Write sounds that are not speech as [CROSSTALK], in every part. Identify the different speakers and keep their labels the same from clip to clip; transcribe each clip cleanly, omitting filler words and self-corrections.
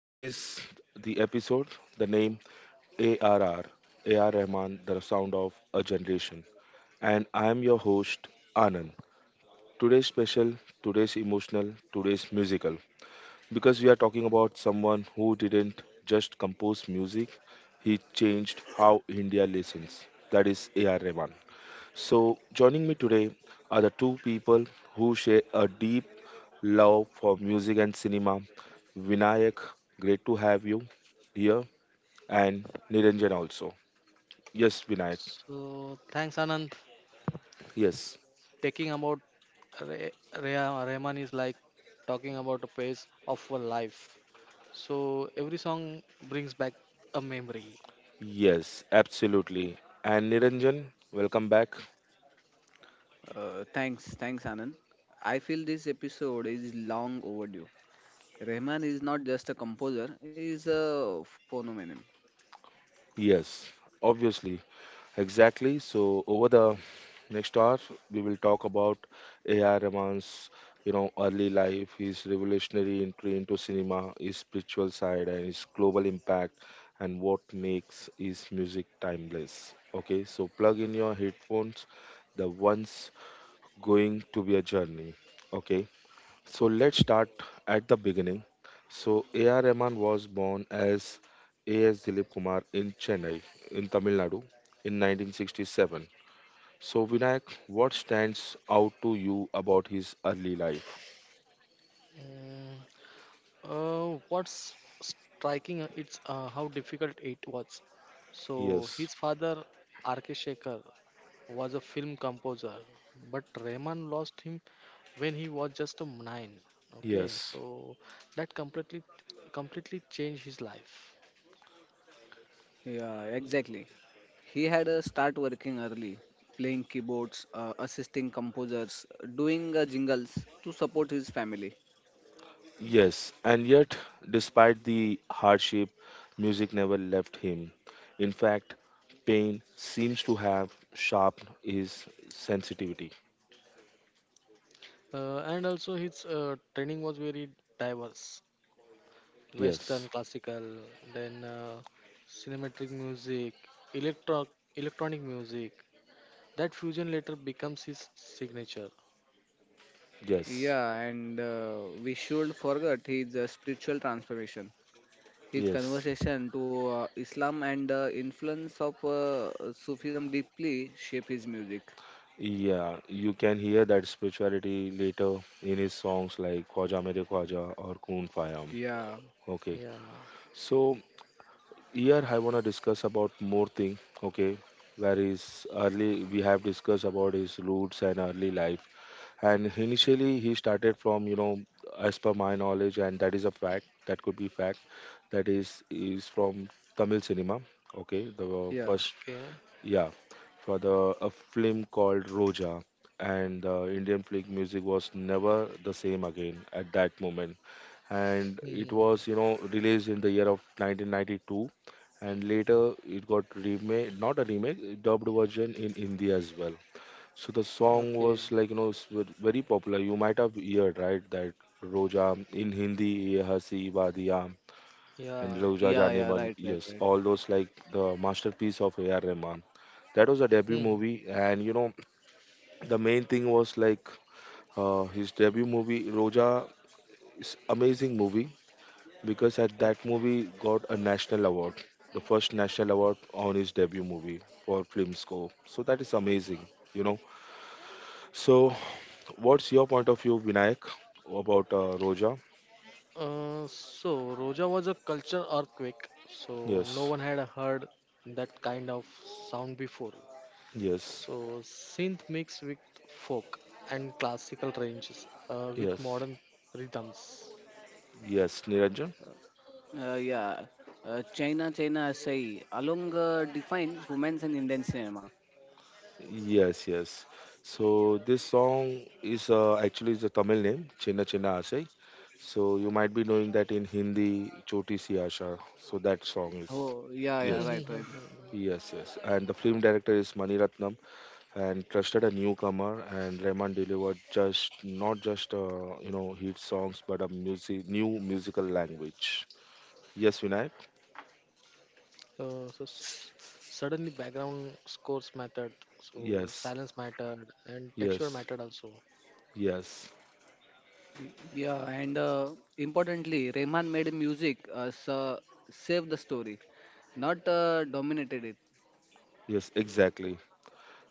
Speaker 1: This is the episode, the name A R R, A R Rahman, the sound of a generation, and I am your host Anand. Today's special, today's emotional, today's musical, because we are talking about someone who didn't just compose music, he changed how India listens. That is AR Rahman. So joining me today are the two people who share a deep love for music and cinema. Vinayak, great to have you here, and Niranjan also. Yes, Vinayak.
Speaker 2: So thanks, Anand.
Speaker 1: Yes,
Speaker 2: Taking about Re- Rehman is like talking about a phase of a life. So every song brings back a memory.
Speaker 1: yes, absolutely. And Niranjan, welcome back.
Speaker 3: Thanks, thanks, Anand. I feel this episode is long overdue. Rahman is not just a composer, he is a phenomenon.
Speaker 1: Yes, obviously. Exactly. So over the next hour, we will talk about A.R. Rahman's, early life, his revolutionary entry into cinema, his spiritual side, and his global impact, and what makes his music timeless. Okay, so plug in your headphones. The one's going to be a journey. Okay. So let's start at the beginning. So A.R. Rahman was born as A.S. Dilip Kumar in Chennai, in Tamil Nadu, in 1967. So Vinayak, what stands out to you about his early life?
Speaker 2: Mm, what's striking? It's how difficult it was. So
Speaker 1: Yes,
Speaker 2: his father, R.K. Shekhar, was a film composer, but Rehman lost him when he was just a 9. Okay,
Speaker 1: yes,
Speaker 2: so that completely changed his life.
Speaker 3: Yeah, exactly. He had a start working early, playing keyboards, assisting composers, doing jingles to support his family.
Speaker 1: yes. And yet, despite the hardship, music never left him. In fact, pain seems to have sharpened his sensitivity.
Speaker 2: And also his training was very diverse, western
Speaker 1: Yes,
Speaker 2: classical, then cinematic music, electro- electronic music. That fusion later becomes his signature.
Speaker 1: yes,
Speaker 3: Yeah, and we should forget his spiritual transformation, his
Speaker 1: yes.
Speaker 3: conversation to Islam and the influence of Sufism deeply shape his music.
Speaker 1: Yeah, you can hear that spirituality later in his songs like Khwaja Mere Khwaja or Koon Fayam.
Speaker 3: Yeah,
Speaker 1: Okay,
Speaker 2: Yeah.
Speaker 1: so here I wanna discuss about more thing. Okay, where his early we have discussed about his roots and early life, and initially he started from as per my knowledge, and that is a fact, that could be fact, that is from Tamil cinema. Okay, the
Speaker 3: yeah.
Speaker 1: first,
Speaker 2: Okay.
Speaker 1: yeah, for the a film called Roja, and the Indian flick music was never the same again at that moment. And it
Speaker 2: Mhm.
Speaker 1: was, released in the year of 1992, and later it got remade, not a remake, dubbed version in Hindi as well. So the song
Speaker 2: Okay.
Speaker 1: was like, very popular. You might have heard, right, that Roja in Hindi, "Ye Hasi Wadiya," and
Speaker 2: Yeah.
Speaker 1: Rauja
Speaker 3: Yeah, yeah,
Speaker 1: Janeman.
Speaker 3: right, right,
Speaker 1: Yes,
Speaker 3: right.
Speaker 1: all those like the masterpiece of A.R. Rahman. That was a debut movie,
Speaker 2: Mhm.
Speaker 1: and the main thing was like his debut movie Roja is amazing movie, because at that
Speaker 2: Okay.
Speaker 1: movie got a national award, the first national award on his debut movie for Filmscore. So that is amazing, you know. So what's your point of view, Vinayak, about Roja?
Speaker 2: So Roja was a culture earthquake. So no
Speaker 1: Yes,
Speaker 2: one had heard that kind of sound before.
Speaker 1: yes,
Speaker 2: So synth mixed with folk and classical ranges with
Speaker 1: yes,
Speaker 2: modern rhythms.
Speaker 1: yes, Niranjan.
Speaker 3: Uh, yeah, China, China, say along defines romance in Indian cinema.
Speaker 1: Yes, yes. So this song is actually is a Tamil name, Chinna Chinna Aasai. So you might be knowing that in Hindi, Choti Si Aasha. So that song is,
Speaker 3: Oh, yeah, yeah,
Speaker 1: yes,
Speaker 3: right,
Speaker 2: Mm-hmm.
Speaker 3: right.
Speaker 1: yes, yes. And the film director is Mani Ratnam, and trusted a newcomer. And Rahman delivered just not just you know hit songs, but a music, new musical language. Yes, Vinayak.
Speaker 2: So suddenly background scores mattered, so
Speaker 1: Yes,
Speaker 2: silence mattered and texture
Speaker 1: yes,
Speaker 2: mattered also.
Speaker 1: yes,
Speaker 3: Yeah, and importantly, Rehman made music so save the story, not dominated it.
Speaker 1: yes. Exactly.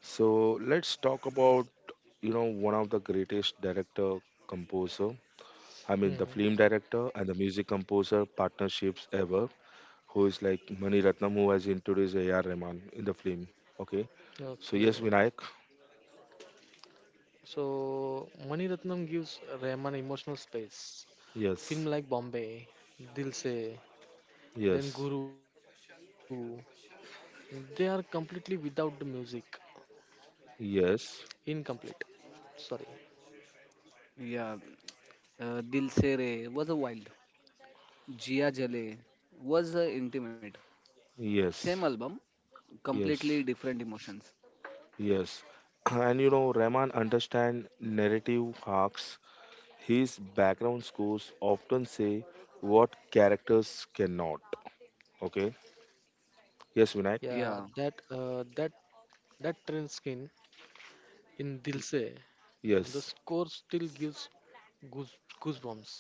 Speaker 1: So let's talk about one of the greatest director composer, I mean the
Speaker 2: Hmm.
Speaker 1: film director and the music composer partnerships ever, who is like Mani Ratnam, who has introduced AR Rahman in the film. Okay, so
Speaker 2: Okay.
Speaker 1: yes, Vinayak.
Speaker 2: So Mani Ratnam gives Rahman emotional space. Film
Speaker 1: Yes,
Speaker 2: like Bombay, Dil Se, then
Speaker 1: yes,
Speaker 2: Guru, they are completely without the music.
Speaker 1: yes,
Speaker 2: Incomplete. Sorry.
Speaker 3: Yeah, Dil Se Re was a wild, Jia Jale was intimate. Same
Speaker 1: yes,
Speaker 3: album, completely
Speaker 1: yes,
Speaker 3: different emotions.
Speaker 1: yes. [CLEARS THROAT] And Rahman understand narrative arcs. His background scores often say what characters cannot. Okay, yes, Vinayak.
Speaker 2: Yeah,
Speaker 3: Yeah,
Speaker 2: that train skin in Dil Se, the
Speaker 1: Yes.
Speaker 2: score still gives goose goosebumps.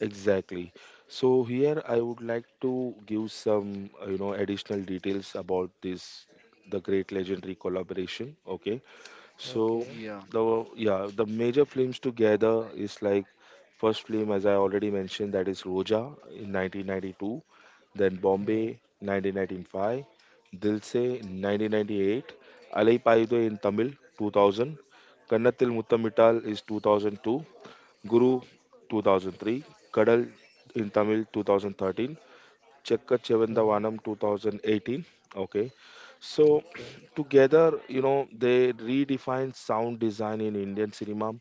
Speaker 1: Exactly. So here I would like to give some, additional details about this, the great legendary collaboration. Okay. So
Speaker 2: Okay.
Speaker 3: yeah,
Speaker 1: the major films together is like, first film, as I already mentioned, that is Roja in 1992, then
Speaker 2: Mm,
Speaker 1: Bombay 1995, Dilse 1998, Alai Payide in Tamil 2000, Kannathil Muttamittal is 2002, Guru 2003, Kadal in Tamil 2013, Chekka
Speaker 2: mm,
Speaker 1: Chevendavanam 2018. Okay, so
Speaker 2: okay.
Speaker 1: [CLEARS THROAT] together, they redefined sound design in Indian cinema,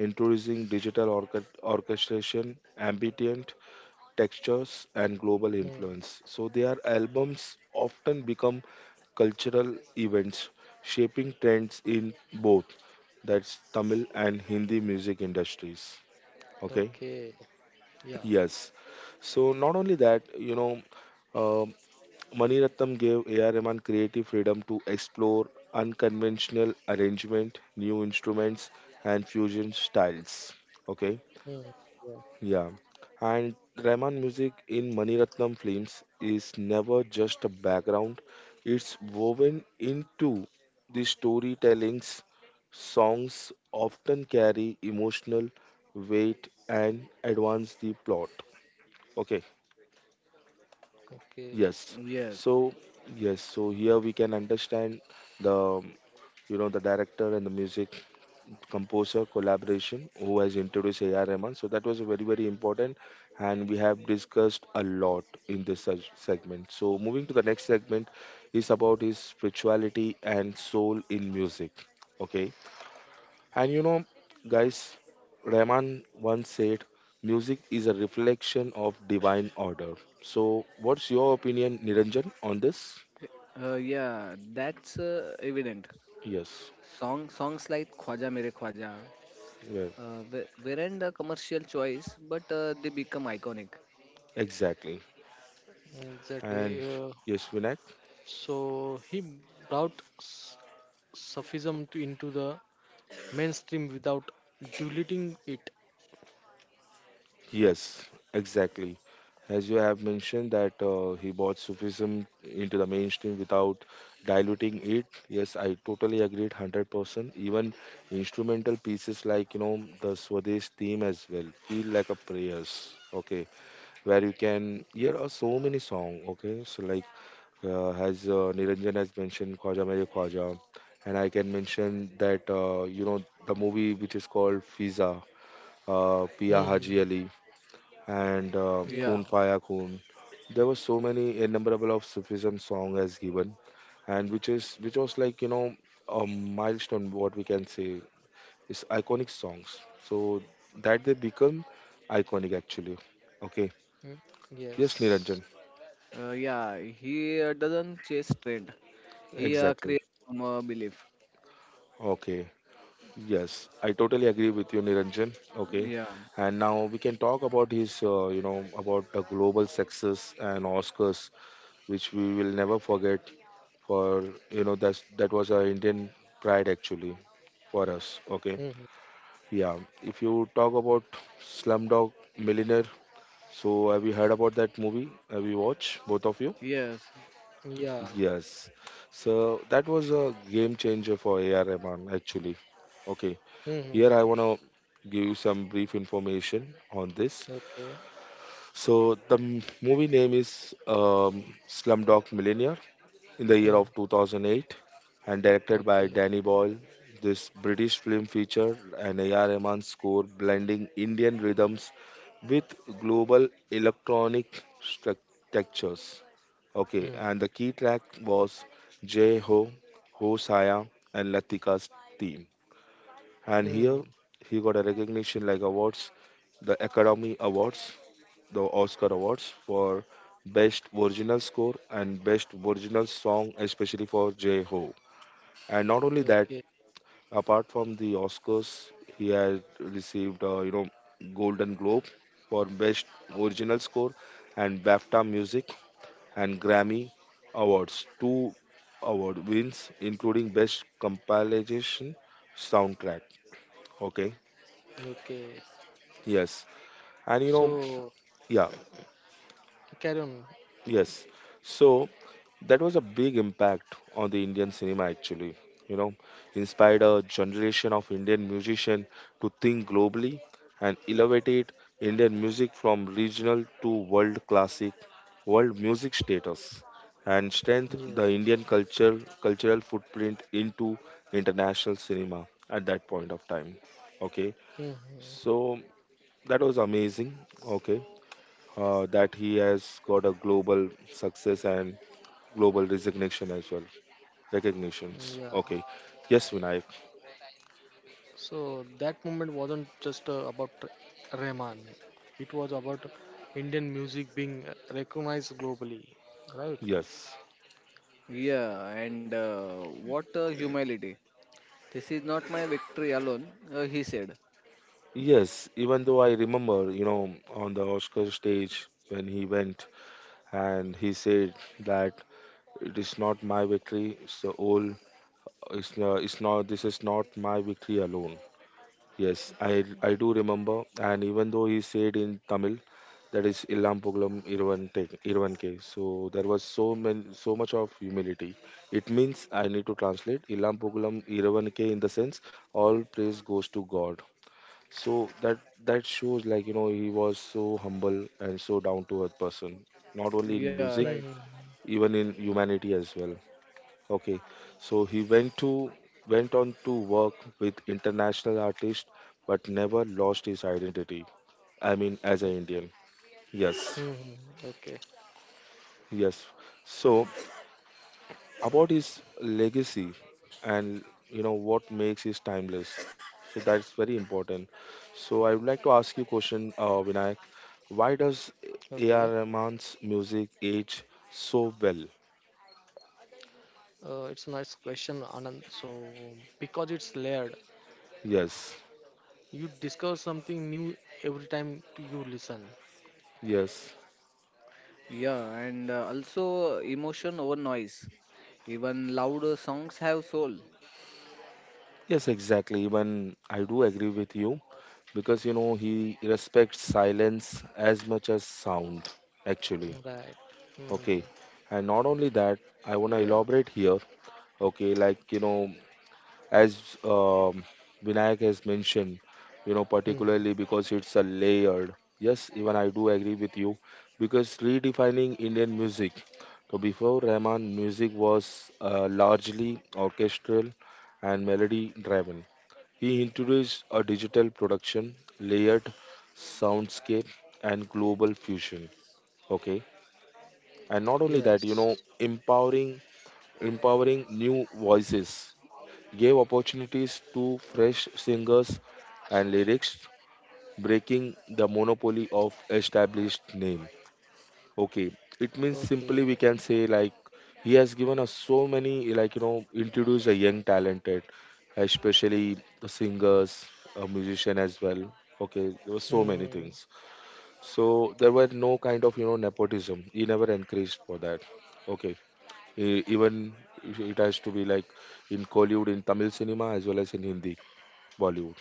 Speaker 1: introducing digital orchestration, ambient textures, and global
Speaker 2: Mm,
Speaker 1: influence. So their albums often become cultural events, shaping trends in both, that's Tamil and Hindi music industries. Okay.
Speaker 2: okay. Yeah.
Speaker 1: Yes. So not only that, um Mani Ratnam gave A.R. Rahman creative freedom to explore unconventional arrangement, new instruments, and fusion styles. Okay,
Speaker 2: Mm, yeah.
Speaker 1: yeah. And Rahman music in Mani Ratnam films is never just a background; it's woven into the storytellings. Songs often carry emotional weight and advance the plot. Okay.
Speaker 2: Okay.
Speaker 1: Yes.
Speaker 3: yes.
Speaker 1: So, yes. So here we can understand the, um, the director and the music composer collaboration who has introduced A.R. Rahman. So that was very, very important, and we have discussed a lot in this segment. So moving to the next segment is about his spirituality and soul in music. Okay. And guys, Rahman once said, music is a reflection of divine order. So, what's your opinion, Niranjan, on this?
Speaker 3: Yeah, that's evident.
Speaker 1: Yes,
Speaker 3: Songs like Khwaja Mere Khwaja
Speaker 1: well,
Speaker 3: weren't a commercial choice, but they become iconic.
Speaker 1: exactly. And
Speaker 2: Exactly. Uh,
Speaker 1: yes, Vinayak?
Speaker 2: so he brought s- Sufism into the mainstream without diluting it.
Speaker 1: Yes, exactly. As you have mentioned, that he brought Sufism into the mainstream without diluting it. Yes, I totally agreed 100%. Even instrumental pieces like, the Swadesh theme as well, feel like a prayers. Okay, where you can hear so many song. Okay, so like, as Niranjan has mentioned, Khwaja Mere Khwaja, and I can mention that, the movie which is called Fiza,
Speaker 2: Hmm.
Speaker 1: Pia
Speaker 2: Hmm.
Speaker 1: Haji
Speaker 2: Hmm.
Speaker 1: Ali, and
Speaker 3: Yeah,
Speaker 2: Yeah.
Speaker 1: Kun Paya Kun. There were so many innumerable of Sufism song as given, and which was like, a milestone. What we can say is iconic songs. So that they become iconic actually. Okay.
Speaker 2: Mm,
Speaker 1: Yes,
Speaker 2: yes.
Speaker 1: Niranjan.
Speaker 3: yeah. He doesn't chase trend. He
Speaker 1: Exactly.
Speaker 3: creates from a belief.
Speaker 1: Okay. Yes, I totally agree with you, Niranjan. Okay.
Speaker 3: Yeah.
Speaker 1: And now we can talk about about the global success and Oscars, which we will never forget. For you know, that's that was our Indian pride actually for us.
Speaker 2: Hmm.
Speaker 1: Okay.
Speaker 2: Hmm.
Speaker 1: Yeah. If you talk about Slumdog Millionaire, so have you heard about that movie? Have you watched, both of you?
Speaker 3: Yes.
Speaker 2: Yeah.
Speaker 1: Yes. So that was a game changer for A.R. Rahman actually. Okay.
Speaker 2: Hmm.
Speaker 1: Here,
Speaker 2: Hmm.
Speaker 1: I
Speaker 2: Hmm.
Speaker 1: want to give you some brief information on this.
Speaker 2: Okay.
Speaker 1: So, the movie name is, Slumdog Millionaire, in the year
Speaker 2: Hmm.
Speaker 1: of 2008, and directed by
Speaker 2: Okay.
Speaker 1: Danny Boyle. This British film featured an AR Rahman score blending Indian rhythms with global electronic textures. Okay,
Speaker 2: Hmm.
Speaker 1: and the key track was Jay Ho, Ho Saya, and Latika's theme. And here
Speaker 2: Hmm.
Speaker 1: he got a recognition like awards, the Academy Awards, the Oscar awards for best original score and best original song, especially for J Ho. And not only that,
Speaker 2: Okay.
Speaker 1: apart from the Oscars, he had received, Golden Globe for best original score, and BAFTA music, and Grammy Awards, two award wins including best compilation soundtrack. Okay,
Speaker 2: Okay.
Speaker 1: yes. And
Speaker 2: So
Speaker 1: yeah,
Speaker 2: carry on.
Speaker 1: yes. So that was a big impact on the Indian cinema actually. You know, inspired a generation of Indian musicians to think globally, and elevated Indian music from regional to world classic, world music status, and strengthened
Speaker 2: Yeah.
Speaker 1: the Indian culture cultural footprint into international cinema at that point of time. Okay,
Speaker 2: Hmm.
Speaker 1: so that was amazing. Okay, that he has got a global success and global resignation as well. Recognitions.
Speaker 2: Yeah.
Speaker 1: Okay. Yes, Vinayak.
Speaker 2: So that moment wasn't just about Rahman. It was about Indian music being recognized globally, right?
Speaker 1: Yes.
Speaker 3: Yeah. And what humility! This is not my victory alone. He said.
Speaker 1: Yes. Even though I remember, on the Oscar stage, when he went and he said that it is not my victory, it's the whole, it's not, this is not my victory alone. Yes, I do remember, and even though he said in Tamil, that is Illam Pugalam Iruvan Iruvan K. So there was so many, so much of humility. It means I need to translate Illam Pugalam Iruvan K, in the sense, all praise goes to God. So that shows like, he was so humble and so down to earth person. Not only in
Speaker 3: Yeah.
Speaker 1: music,
Speaker 3: Right.
Speaker 2: Mm-hmm.
Speaker 1: even in humanity as well. Okay, so he went on to work with international artists, but never lost his identity. I mean, as an Indian. Yes,
Speaker 2: Mm-hmm. Okay.
Speaker 1: yes. So about his legacy, and what makes his timeless. So that's very important. So I would like to ask you a question, Vinayak. Why does
Speaker 2: Okay.
Speaker 1: A.R. Rahman's music age so well?
Speaker 2: It's a nice question, Anand. So because it's layered,
Speaker 1: Yes,
Speaker 2: you discover something new every time you listen.
Speaker 1: yes,
Speaker 3: Yeah. And also emotion over noise. Even loud songs have soul.
Speaker 1: yes, exactly. Even I do agree with you, because he respects silence as much as sound actually.
Speaker 2: Right. Hmm.
Speaker 1: Okay, and not only that,
Speaker 3: Yeah.
Speaker 1: I want to elaborate here. Okay, like, as, um, Vinayak has mentioned,
Speaker 2: Hmm.
Speaker 1: particularly because it's a layered. Yes, even I do agree with you, because redefining Indian music, so before Rahman, music was, largely orchestral and melody driven. He introduced a digital production, layered soundscape, and global fusion. Okay, and not only that,
Speaker 2: Yes.
Speaker 1: empowering new voices, gave opportunities to fresh singers and lyrics, breaking the monopoly of established name. Okay, it means simply
Speaker 2: Okay.
Speaker 1: we can say, like, he has given us so many, like, introduce a young talented, especially the singers, a musician as well. Okay, there were so many
Speaker 2: Hmm.
Speaker 1: things. So there were no kind of, nepotism. He never encouraged for that. Okay, even it has to be like in Kollywood, in Tamil cinema as well as in Hindi Bollywood.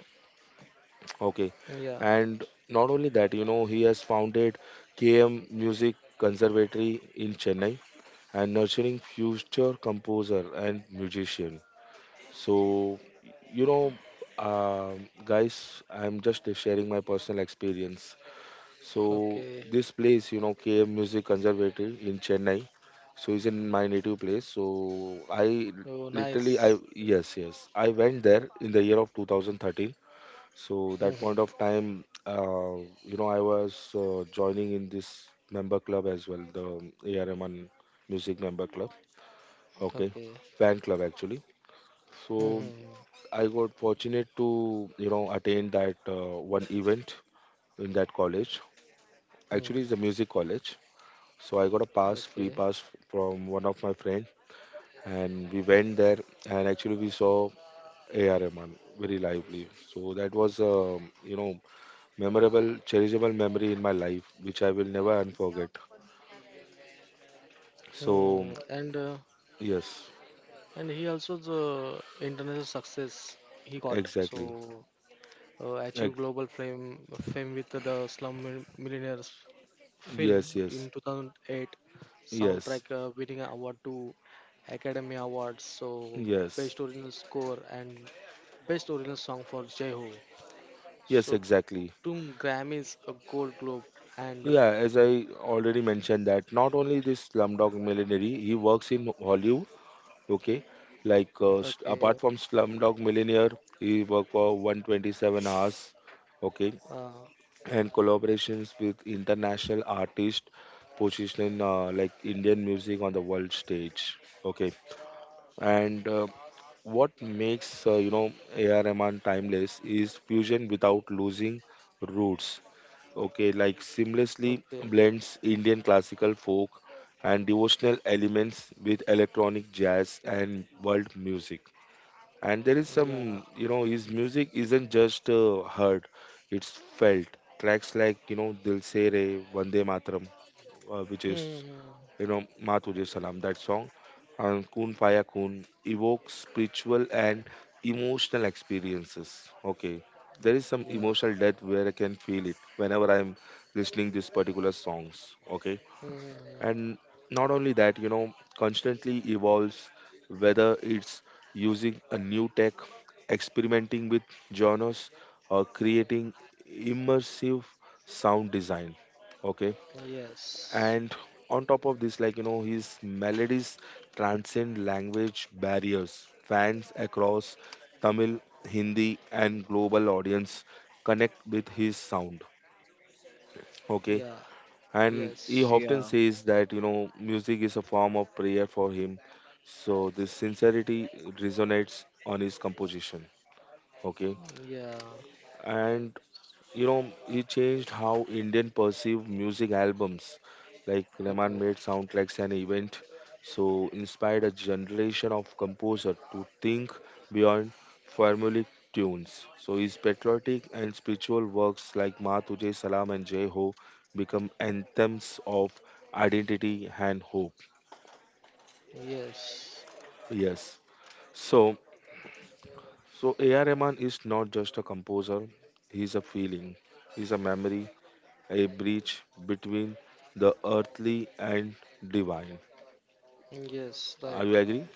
Speaker 1: Okay.
Speaker 2: Yeah.
Speaker 1: And not only that, he has founded KM Music Conservatory in Chennai and nurturing future composer and musician. So, you know, guys, I'm just sharing my personal experience. So,
Speaker 2: Okay.
Speaker 1: this place, KM Music Conservatory in Chennai. So, it's in my native place. So, I
Speaker 2: Oh,
Speaker 1: literally, I
Speaker 2: nice.
Speaker 1: yes, yes, I went there in the year of 2013. So that
Speaker 2: Hmm.
Speaker 1: point of time, I was joining in this member club as well, the ARMN Music Member Club. Okay,
Speaker 2: Okay.
Speaker 1: fan club actually. So
Speaker 2: Hmm.
Speaker 1: I got fortunate to attend that one event in that college.
Speaker 2: Hmm.
Speaker 1: Actually, it's a music college. So I got a
Speaker 2: Okay.
Speaker 1: free pass from one of my friend, and we went there. And actually, we saw ARMN very lively. So that was memorable, cherishable memory in my life, which I will never unforget. So,
Speaker 2: Hmm. And uh,
Speaker 1: yes,
Speaker 2: and he also the international success he got. So
Speaker 1: exactly.
Speaker 2: uh, achieved
Speaker 1: Ex-
Speaker 2: global fame with the Millionaires film
Speaker 1: yes, yes,
Speaker 2: in 2008.
Speaker 1: yes,
Speaker 2: Soundtrack winning an award to Academy Awards, so
Speaker 1: yes,
Speaker 2: best original score and best original song for Jehu.
Speaker 1: yes,
Speaker 2: So
Speaker 1: exactly.
Speaker 2: two Grammys, a Gold Globe, and
Speaker 1: Yeah, as I already mentioned that not only this Slumdog Millionaire, he works in Hollywood. Okay, like
Speaker 2: okay,
Speaker 1: apart from Slumdog Millionaire, he worked for 127 hours. Okay,
Speaker 2: uh,
Speaker 1: and collaborations with international artists, positioning like Indian music on the world stage. Okay, and what makes AR Rahman timeless is fusion without losing roots. Okay, like seamlessly
Speaker 2: okay,
Speaker 1: blends Indian classical folk and devotional elements with electronic jazz and world music. And there is
Speaker 2: yeah,
Speaker 1: some his music isn't just heard, it's felt. Tracks like dil se re, vande mataram, which is
Speaker 2: hmm,
Speaker 1: you know ma tujhe salam that song, and kun faya kun evokes spiritual and emotional experiences. Okay, there is some
Speaker 2: yeah,
Speaker 1: emotional depth where I can feel it whenever I'm listening these particular songs. Okay.
Speaker 2: hmm,
Speaker 1: And not only that, constantly evolves whether it's using a new tech, experimenting with genres, or creating immersive sound design. Okay.
Speaker 2: yes,
Speaker 1: And on top of this, like his melodies transcend language barriers. Fans across Tamil, Hindi, and global audience connect with his sound. Okay.
Speaker 2: yeah,
Speaker 1: And he
Speaker 2: yes,
Speaker 3: Yeah.
Speaker 1: often says that music is a form of prayer for him, so this sincerity resonates on his composition. Okay.
Speaker 2: yeah,
Speaker 1: And he changed how Indian perceive music albums. Like Rahman
Speaker 2: okay.
Speaker 1: made soundtracks an event. So inspired a generation of composer to think beyond formulaic tunes. So his patriotic and spiritual works like ma tujhe salam and jai ho become anthems of identity and hope.
Speaker 2: Yes,
Speaker 1: Yes. So so AR Rahman is not just a composer, he's a feeling, he's a memory, a bridge between the earthly and divine.
Speaker 2: yes,
Speaker 1: Are
Speaker 2: right.
Speaker 1: you agree?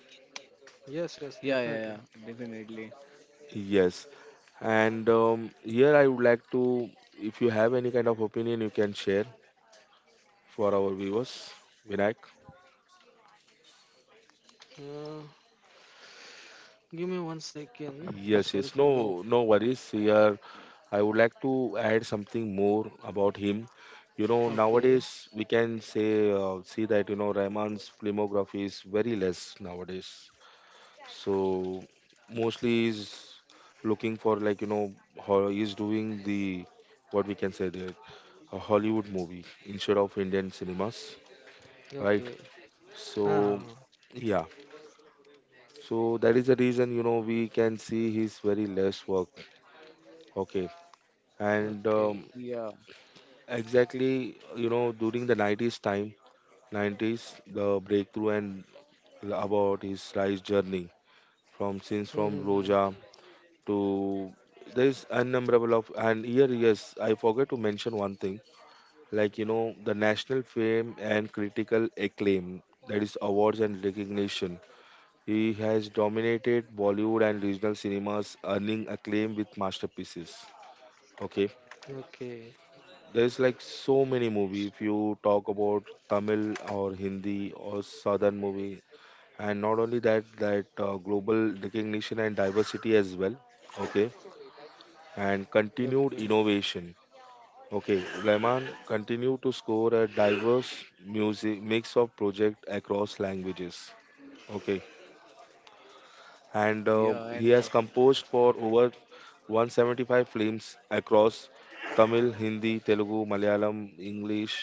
Speaker 2: Yes, yes,
Speaker 3: Yeah. Yeah. Yeah.
Speaker 2: definitely.
Speaker 3: Definitely.
Speaker 1: Yes. And here I would like to, if you have any kind of opinion, you can share for our viewers. Vinayak.
Speaker 2: Uh, give me one second.
Speaker 1: Yes,
Speaker 2: Sorry
Speaker 1: yes. No,
Speaker 2: for the.
Speaker 1: no worries. Here I would like to add something more about him. You know,
Speaker 2: Okay,
Speaker 1: nowadays we can say see that Rahman's filmography is very less nowadays. So mostly is looking for like how he's doing the, what we can say, that a Hollywood movie instead of Indian cinemas, right?
Speaker 2: okay.
Speaker 1: So
Speaker 2: Ah, ah,
Speaker 1: yeah, so that is the reason we can see his very less work. Okay,
Speaker 2: ah.
Speaker 1: and
Speaker 2: Okay.
Speaker 3: Yeah,
Speaker 1: exactly during the 90s time, 90s the breakthrough and about his rise journey from since from Roja
Speaker 2: Mm-hmm.
Speaker 1: to, there is unnumberable of. And here yes I forgot to mention one thing, like the national fame and critical acclaim, that is awards and recognition. He has dominated Bollywood and regional cinemas earning acclaim with masterpieces. Okay,
Speaker 2: Okay,
Speaker 1: there's like so many movie if you talk about Tamil or Hindi or southern movie. And not only that, that global recognition and diversity as well. Okay, and continued
Speaker 2: okay.
Speaker 1: innovation. Okay, Rahman continued to score a diverse music mix of projects across languages. Okay, and
Speaker 3: yeah,
Speaker 1: he
Speaker 3: and
Speaker 1: has composed for over 175 films across Tamil, Hindi, Telugu, Malayalam, English,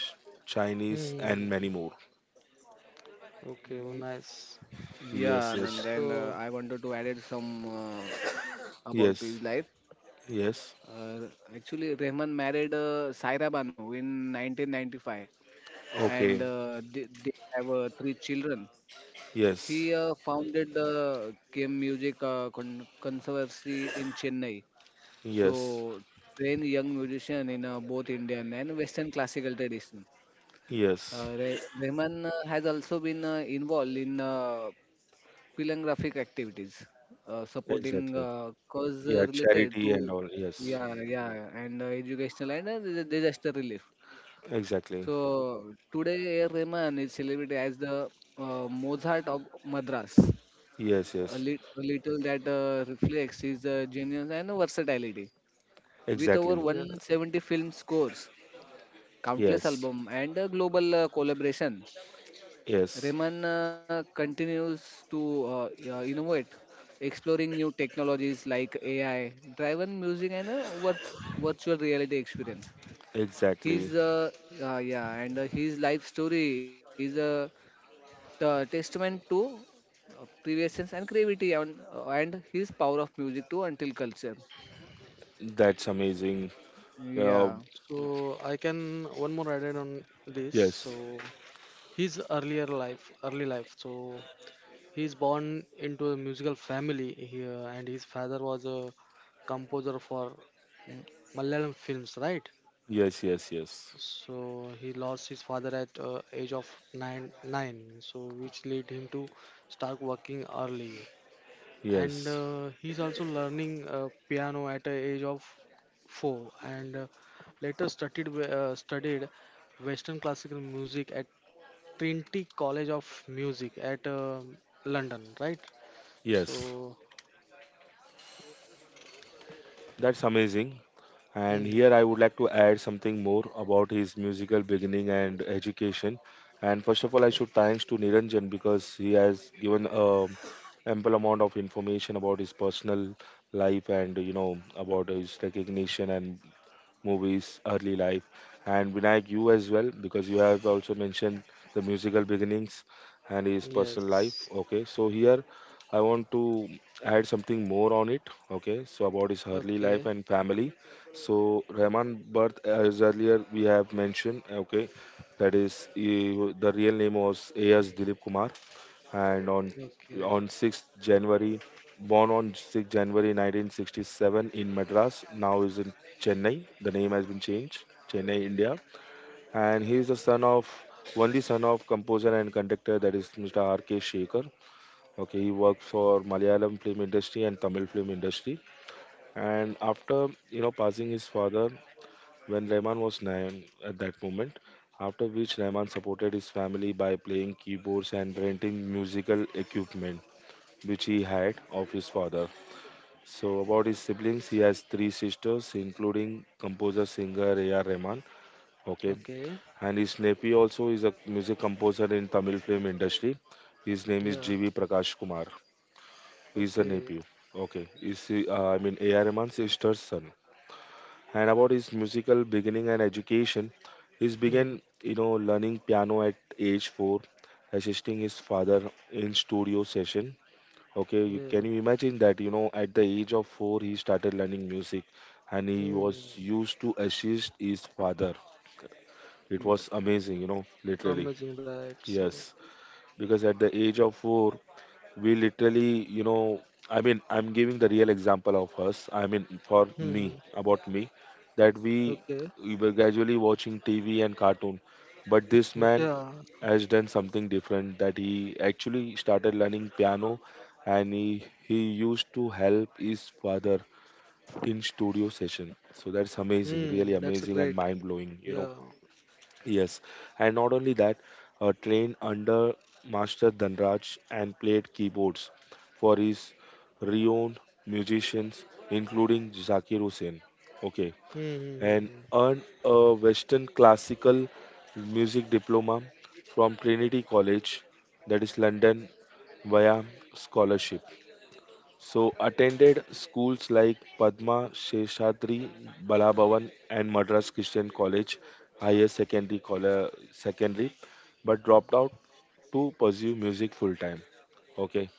Speaker 1: Chinese, and
Speaker 2: Mm-hmm.
Speaker 1: many more.
Speaker 2: Okay,
Speaker 3: y-
Speaker 2: oh, nice.
Speaker 3: yeah, and
Speaker 1: Yes, yes,
Speaker 3: then I
Speaker 2: So,
Speaker 3: wanted to add some uh, about his
Speaker 1: yes,
Speaker 3: life.
Speaker 1: yes.
Speaker 3: Uh, actually, Rehman married Saira Banu in 1995, and
Speaker 1: Okay,
Speaker 3: they have three children.
Speaker 1: yes,
Speaker 3: He founded the Kim Music Conservancy in Chennai.
Speaker 1: yes,
Speaker 3: So, train young musician in both Indian and Western classical tradition.
Speaker 1: yes,
Speaker 3: Rehman has also been involved in philanthropic activities, supporting
Speaker 1: exactly.
Speaker 3: cause
Speaker 1: Yeah,
Speaker 3: related
Speaker 1: charity and
Speaker 3: to
Speaker 1: all. Yes,
Speaker 3: yeah yeah and educational and disaster relief.
Speaker 1: exactly.
Speaker 3: So today, A. Rahman is celebrated as the Mozart of Madras,
Speaker 1: Yes,
Speaker 3: a,
Speaker 1: yes,
Speaker 3: a little that reflects his genius and versatility. With over
Speaker 1: exactly.
Speaker 2: yeah.
Speaker 3: 170 film scores, countless
Speaker 1: Yes,
Speaker 3: album, and a global collaboration,
Speaker 1: yes,
Speaker 3: Raymond continues to innovate, exploring new technologies like AI, driven music, and what virtual reality experience.
Speaker 1: exactly.
Speaker 3: His yeah, and his life story is a testament to previous and creativity and his power of music to until culture.
Speaker 1: That's amazing. Uh,
Speaker 3: Yeah,
Speaker 2: So I can one more added on this.
Speaker 1: yes,
Speaker 2: So his early life. So he's born into a musical family here, and his father was a composer for M- Malayalam films, right?
Speaker 1: yes, yes, yes,
Speaker 2: So he lost his father at age of 9, so which led him to start working early. And
Speaker 1: yes,
Speaker 2: he's also learning piano at the age of 4, and later studied Western classical music at Trinity College of Music at London, right?
Speaker 1: yes.
Speaker 2: So,
Speaker 1: That's amazing. And here
Speaker 2: mm,
Speaker 1: I would like to add something more about his musical beginning and education. And first of all, I should
Speaker 2: o-
Speaker 1: thanks to Niranjan because he has given a ample amount of information about his personal life and about his recognition and movies, early life, and Vinayak, you as well, because you have also mentioned the musical beginnings and his personal life.
Speaker 2: yes.
Speaker 1: Okay, so here I want to add something more on it. Okay, so about his early life
Speaker 2: Okay.
Speaker 1: and family. So Rahman birth, as earlier we have mentioned. Okay, that is he, the real name was A.S. Dilip Kumar, and on
Speaker 2: Okay.
Speaker 1: on 6th January, born on 6th January 1967 in Madras, now is in Chennai. The name has been changed, Chennai, India. And he is the son of, only son of composer and conductor, that is Mr. R.K. Shekhar. Okay, he works for Malayalam film industry and Tamil film industry. And after passing his father, when Rahman was nine at that moment, after which Rahman supported his family by playing keyboards and renting musical equipment which he had of his father. So, about his siblings, he has three sisters, including composer singer A.R. Rahman. Okay,
Speaker 2: Okay.
Speaker 1: and his nephew also is a music composer in Tamil film industry. His name is
Speaker 2: Yeah.
Speaker 1: G.V. Prakash Kumar. He's a nephew.
Speaker 2: Okay.
Speaker 1: Okay, is I mean A.R. Rahman's sister's son. And about his musical beginning and education, he began
Speaker 2: Hmm.
Speaker 1: learning piano at age four, assisting his father in studio session. Okay, you, can
Speaker 2: Yeah.
Speaker 1: you imagine that, at the age of four, he started learning music and he was
Speaker 2: Hmm.
Speaker 1: used to assist his father. It
Speaker 3: yeah,
Speaker 1: was amazing, you know, literally.
Speaker 2: Amazing that. So.
Speaker 1: Yes, because at the age of four, we literally I mean, I'm giving the real example of us, I mean for me,
Speaker 2: Hmm.
Speaker 1: about me, that we
Speaker 2: Okay.
Speaker 1: we were gradually watching TV and cartoon, but this man
Speaker 2: Yeah.
Speaker 1: has done something different, that he actually started learning piano and he used to help his father in studio session. So that's amazing, really
Speaker 2: Hmm. That's
Speaker 1: amazing and
Speaker 2: great.
Speaker 1: mind blowing, you know.
Speaker 2: Yeah.
Speaker 1: Yes, and not only that, trained under Master Dhanraj and played keyboards for his renowned musicians, including Zakir Hussain. Okay,
Speaker 2: Hmm. Hmm.
Speaker 1: and
Speaker 2: Hmm.
Speaker 1: earned a Western classical music diploma from Trinity College, that is London, via scholarship. So attended schools like Padma Sheshadri Balabhavan and Madras Christian College Higher Secondary Secondary, but dropped out to pursue music full time. Okay,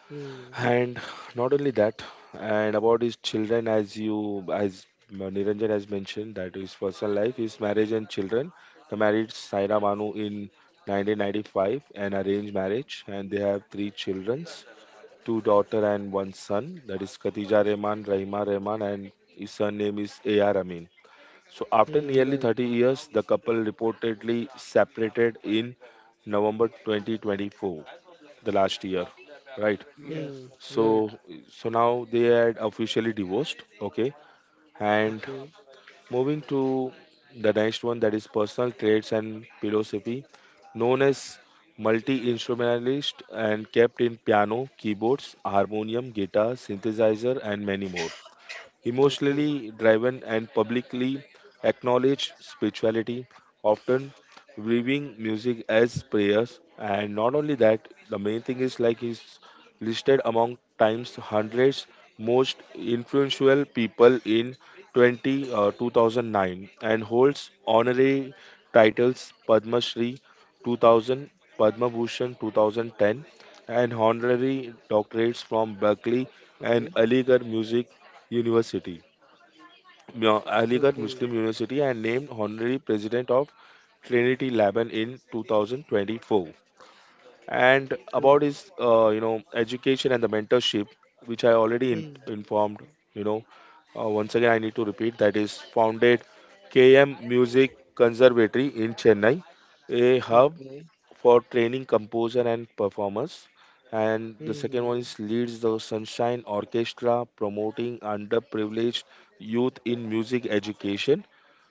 Speaker 2: Hmm.
Speaker 1: and not only that, and about his children, as you as Niranjan has mentioned, that his personal life, his marriage and children. He married Saira Manu in 1995, an arranged marriage, and they have three children, two daughter and one son. That is Khatija Rehman, Rahima Rehman, and his surname is A.R. Amin. So after
Speaker 2: Hmm.
Speaker 1: nearly
Speaker 2: Right.
Speaker 1: 30 years, the couple reportedly separated in November 2024, the last year, right?
Speaker 3: yes.
Speaker 2: Hmm.
Speaker 1: So,
Speaker 2: Right.
Speaker 1: so now they had officially divorced, okay? And
Speaker 2: Okay.
Speaker 1: moving to the next one, that is personal traits and philosophy. Known as multi instrumentalist and kept in piano, keyboards, harmonium, guitar, synthesizer, and many more, emotionally
Speaker 2: Okay.
Speaker 1: driven and publicly acknowledged spirituality, often viewing music as prayers. And not only that, the main thing is like he's listed among Times hundreds most influential people in 2009, and holds honorary titles Padma Shri 2000, Padma Bhushan 2010, and honorary doctorates from
Speaker 2: Okay.
Speaker 1: Berkeley and Aligarh Music University.
Speaker 2: Okay.
Speaker 1: Aligarh Muslim University, and named honorary president of Trinity Laban in 2024. And about
Speaker 2: Hmm.
Speaker 1: his, education and the mentorship, which I already
Speaker 2: Hmm.
Speaker 1: informed, you know, once again I need to repeat, that is founded KM Music Conservatory in Chennai, a hub
Speaker 2: Okay.
Speaker 1: for training composer and performers. And the second one
Speaker 2: Hmm.
Speaker 1: is leads the Sunshine Orchestra, promoting underprivileged youth in music education.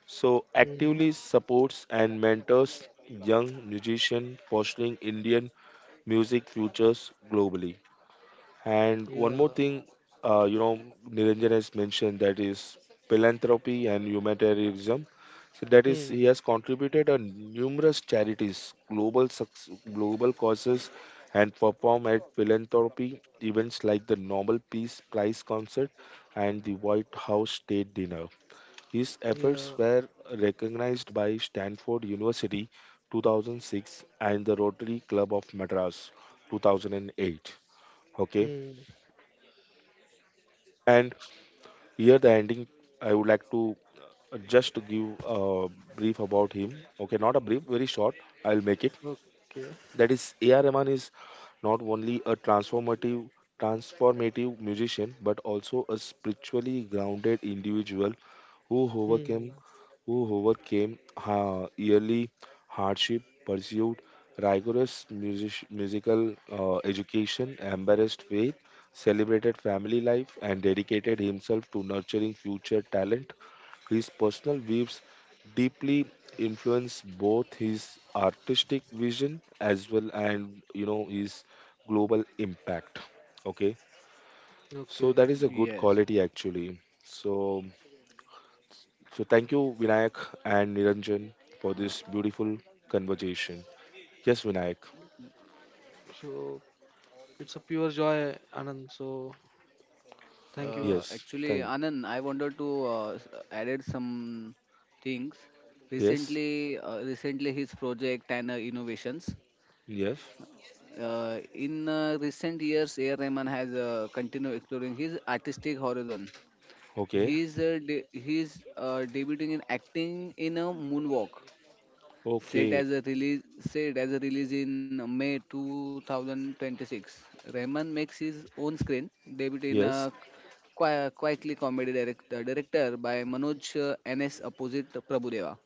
Speaker 1: So
Speaker 2: Hmm.
Speaker 1: actively supports and mentors young musicians, fostering Indian music futures globally. And one
Speaker 2: Yeah.
Speaker 1: more thing, uh, you know, Niranjan has mentioned that is philanthropy and humanitarianism. So that is,
Speaker 2: Hmm.
Speaker 1: he has contributed on numerous charities, global global causes, and performed at philanthropy events like the Nobel Peace Prize concert and the White House State Dinner. His efforts
Speaker 2: Yeah.
Speaker 1: were recognized by Stanford University 2006 and the Rotary Club of Madras 2008. Okay.
Speaker 2: Hmm.
Speaker 1: And here, the ending, I would like to just to give a brief about him. Okay, not a brief, very short. I'll make it.
Speaker 2: Okay.
Speaker 1: That is, A.R. Rahman is not only a transformative musician but also a spiritually grounded individual who
Speaker 2: Hmm.
Speaker 1: overcame who overcame yearly hardship, pursued rigorous musical education, embraced faith, celebrated family life, and dedicated himself to nurturing future talent. His personal views deeply influenced both his artistic vision as well, and his global impact. Okay, so
Speaker 2: Okay.
Speaker 1: that is a good
Speaker 3: yes,
Speaker 1: quality actually. So so thank you Vinayak and Niranjan for
Speaker 3: Uh,
Speaker 1: this beautiful conversation. Yes, Vinayak.
Speaker 2: So it's a pure joy, Anand. So thank you.
Speaker 1: yes
Speaker 3: Actually,
Speaker 1: thank
Speaker 3: Anand, I wanted to added some things.
Speaker 1: yes,
Speaker 3: Recently, recently his project and innovations.
Speaker 1: yes,
Speaker 3: In recent years, A. R. Rahman has continued exploring his artistic horizon.
Speaker 1: okay,
Speaker 3: He's debuting in acting in a moonwalk
Speaker 1: okay,
Speaker 3: set as a release in May 2026. Rahman makes his own screen debut in a
Speaker 1: yes.
Speaker 3: quietly comedy director by Manoj NS opposite Prabhudeva.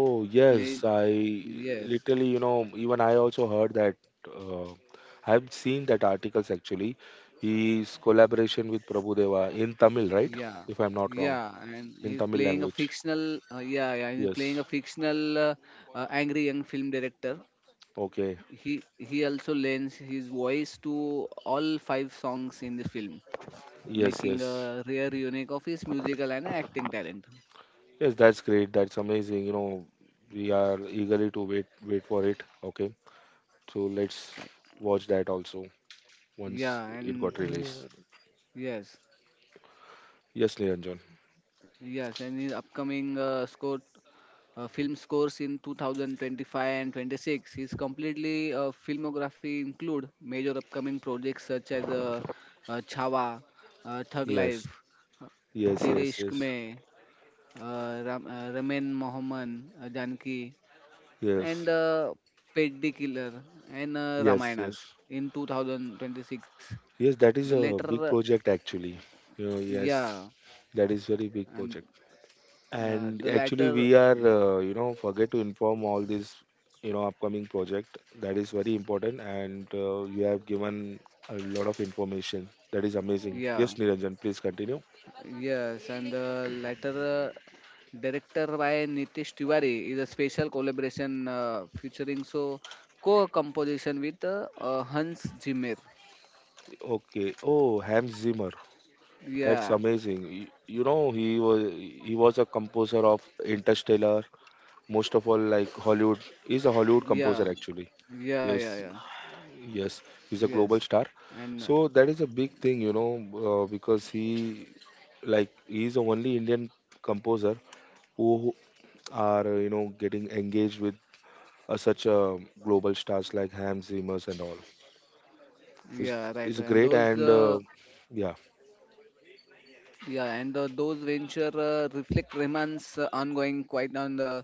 Speaker 1: Oh
Speaker 3: Playing
Speaker 1: yes, I
Speaker 3: yes,
Speaker 1: literally, you know, even I also heard that. Uh, I've seen that articles actually. His collaboration with Prabhu Deva in Tamil, right?
Speaker 3: yeah,
Speaker 1: If I'm not wrong,
Speaker 3: yeah, and
Speaker 1: in
Speaker 3: he's
Speaker 1: Tamil
Speaker 3: playing a
Speaker 1: language.
Speaker 3: fictional yeah, yeah, he's playing
Speaker 1: Yes.
Speaker 3: a fictional angry young film director.
Speaker 1: Okay.
Speaker 3: He also lends his voice to all five songs in the film
Speaker 1: Yes.
Speaker 3: making
Speaker 1: Yes.
Speaker 3: a rare unique of his musical and acting talent.
Speaker 1: Yes. That's great. That's amazing. You know, we are eagerly to wait for it. Okay. So let's watch that also once
Speaker 3: Yeah,
Speaker 1: it
Speaker 3: and
Speaker 1: got
Speaker 2: Yeah.
Speaker 1: released.
Speaker 3: yes,
Speaker 1: Yes, Niranjan.
Speaker 3: yes, and his upcoming film scores in 2025 and 26. His completely filmography include major upcoming projects such as Chhawa, Thug
Speaker 1: Yes.
Speaker 3: Life, uh,
Speaker 1: Yes.
Speaker 3: Tere
Speaker 1: Yes.
Speaker 3: Ishq
Speaker 1: Yes.
Speaker 3: Mein, Ram, Ramin Mohammed, Janki,
Speaker 1: Yes.
Speaker 3: and Peddi Killer and
Speaker 1: Yes.
Speaker 3: Ramayanas
Speaker 1: Yes.
Speaker 3: in 2026.
Speaker 1: Yes, that
Speaker 3: The
Speaker 1: is a
Speaker 3: latter,
Speaker 1: big project actually. You know,
Speaker 3: yeah,
Speaker 1: yes, that is very big
Speaker 3: and
Speaker 1: project.
Speaker 3: uh, the
Speaker 1: And actually,
Speaker 3: latter,
Speaker 1: we are
Speaker 3: y-
Speaker 1: forget to inform all this upcoming project that is very important. And you have given a lot of information. That is amazing.
Speaker 3: yeah,
Speaker 1: Yes, Niranjan, please continue.
Speaker 3: yes, and the latter. Director by Nitish Tiwari is a special collaboration featuring so co-composition with Hans Zimmer.
Speaker 1: Okay. Oh, Hans Zimmer. That's
Speaker 3: Yeah,
Speaker 1: amazing. You know, he was a composer of Interstellar. Most of all, like Hollywood, he's a Hollywood composer
Speaker 3: yeah,
Speaker 1: actually.
Speaker 3: yeah,
Speaker 1: Yes,
Speaker 3: yeah, yeah.
Speaker 1: yes, he's a
Speaker 3: Yes,
Speaker 1: global star.
Speaker 3: and
Speaker 1: So that is a big thing, you know, because he, like, he's the only Indian composer who are, getting engaged with such global stars like Hans Zimmer's and all. It's,
Speaker 3: yeah, right.
Speaker 1: it's
Speaker 3: And
Speaker 1: great
Speaker 3: those
Speaker 1: and, yeah,
Speaker 3: yeah, and those venture reflect Rahman's ongoing quite on the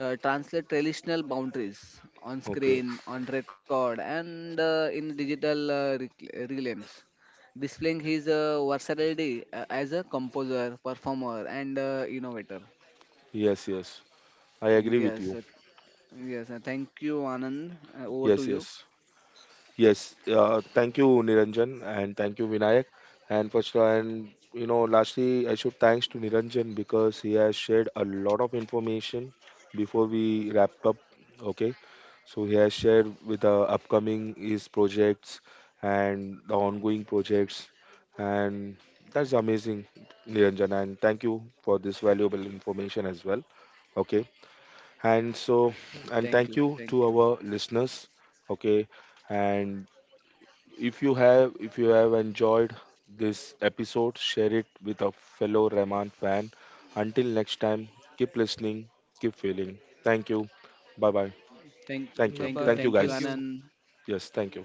Speaker 3: translate traditional boundaries on
Speaker 1: okay.
Speaker 3: screen, on record, and in digital realms, displaying his versatility as a composer, performer, and innovator.
Speaker 1: Yes, yes. I agree with
Speaker 3: Yes,
Speaker 1: you.
Speaker 3: uh, yes. Thank you, Anand. Over
Speaker 1: Yes,
Speaker 3: to you.
Speaker 1: yes. Yes, thank you Niranjan and thank you Vinayak, and first and lastly I should thanks to Niranjan because he has shared a lot of information before we wrap up. Okay, so he has shared with the upcoming his projects and the ongoing projects, and that's amazing, Niranjan, and thank you for this valuable information as well. Okay, and so,
Speaker 2: Yeah.
Speaker 3: Thank you,
Speaker 1: and thank you to our listeners. Okay, and if you have enjoyed this episode, share it with a fellow Rahman fan. Until next time, keep listening, keep feeling. Thank you. Bye bye.
Speaker 3: thank,
Speaker 2: Bye
Speaker 1: Thank you.
Speaker 3: thank you,
Speaker 2: bye.
Speaker 1: Thank you
Speaker 3: thank you,
Speaker 2: Thank you.
Speaker 1: guys.
Speaker 3: Anand.
Speaker 1: Yes, thank you.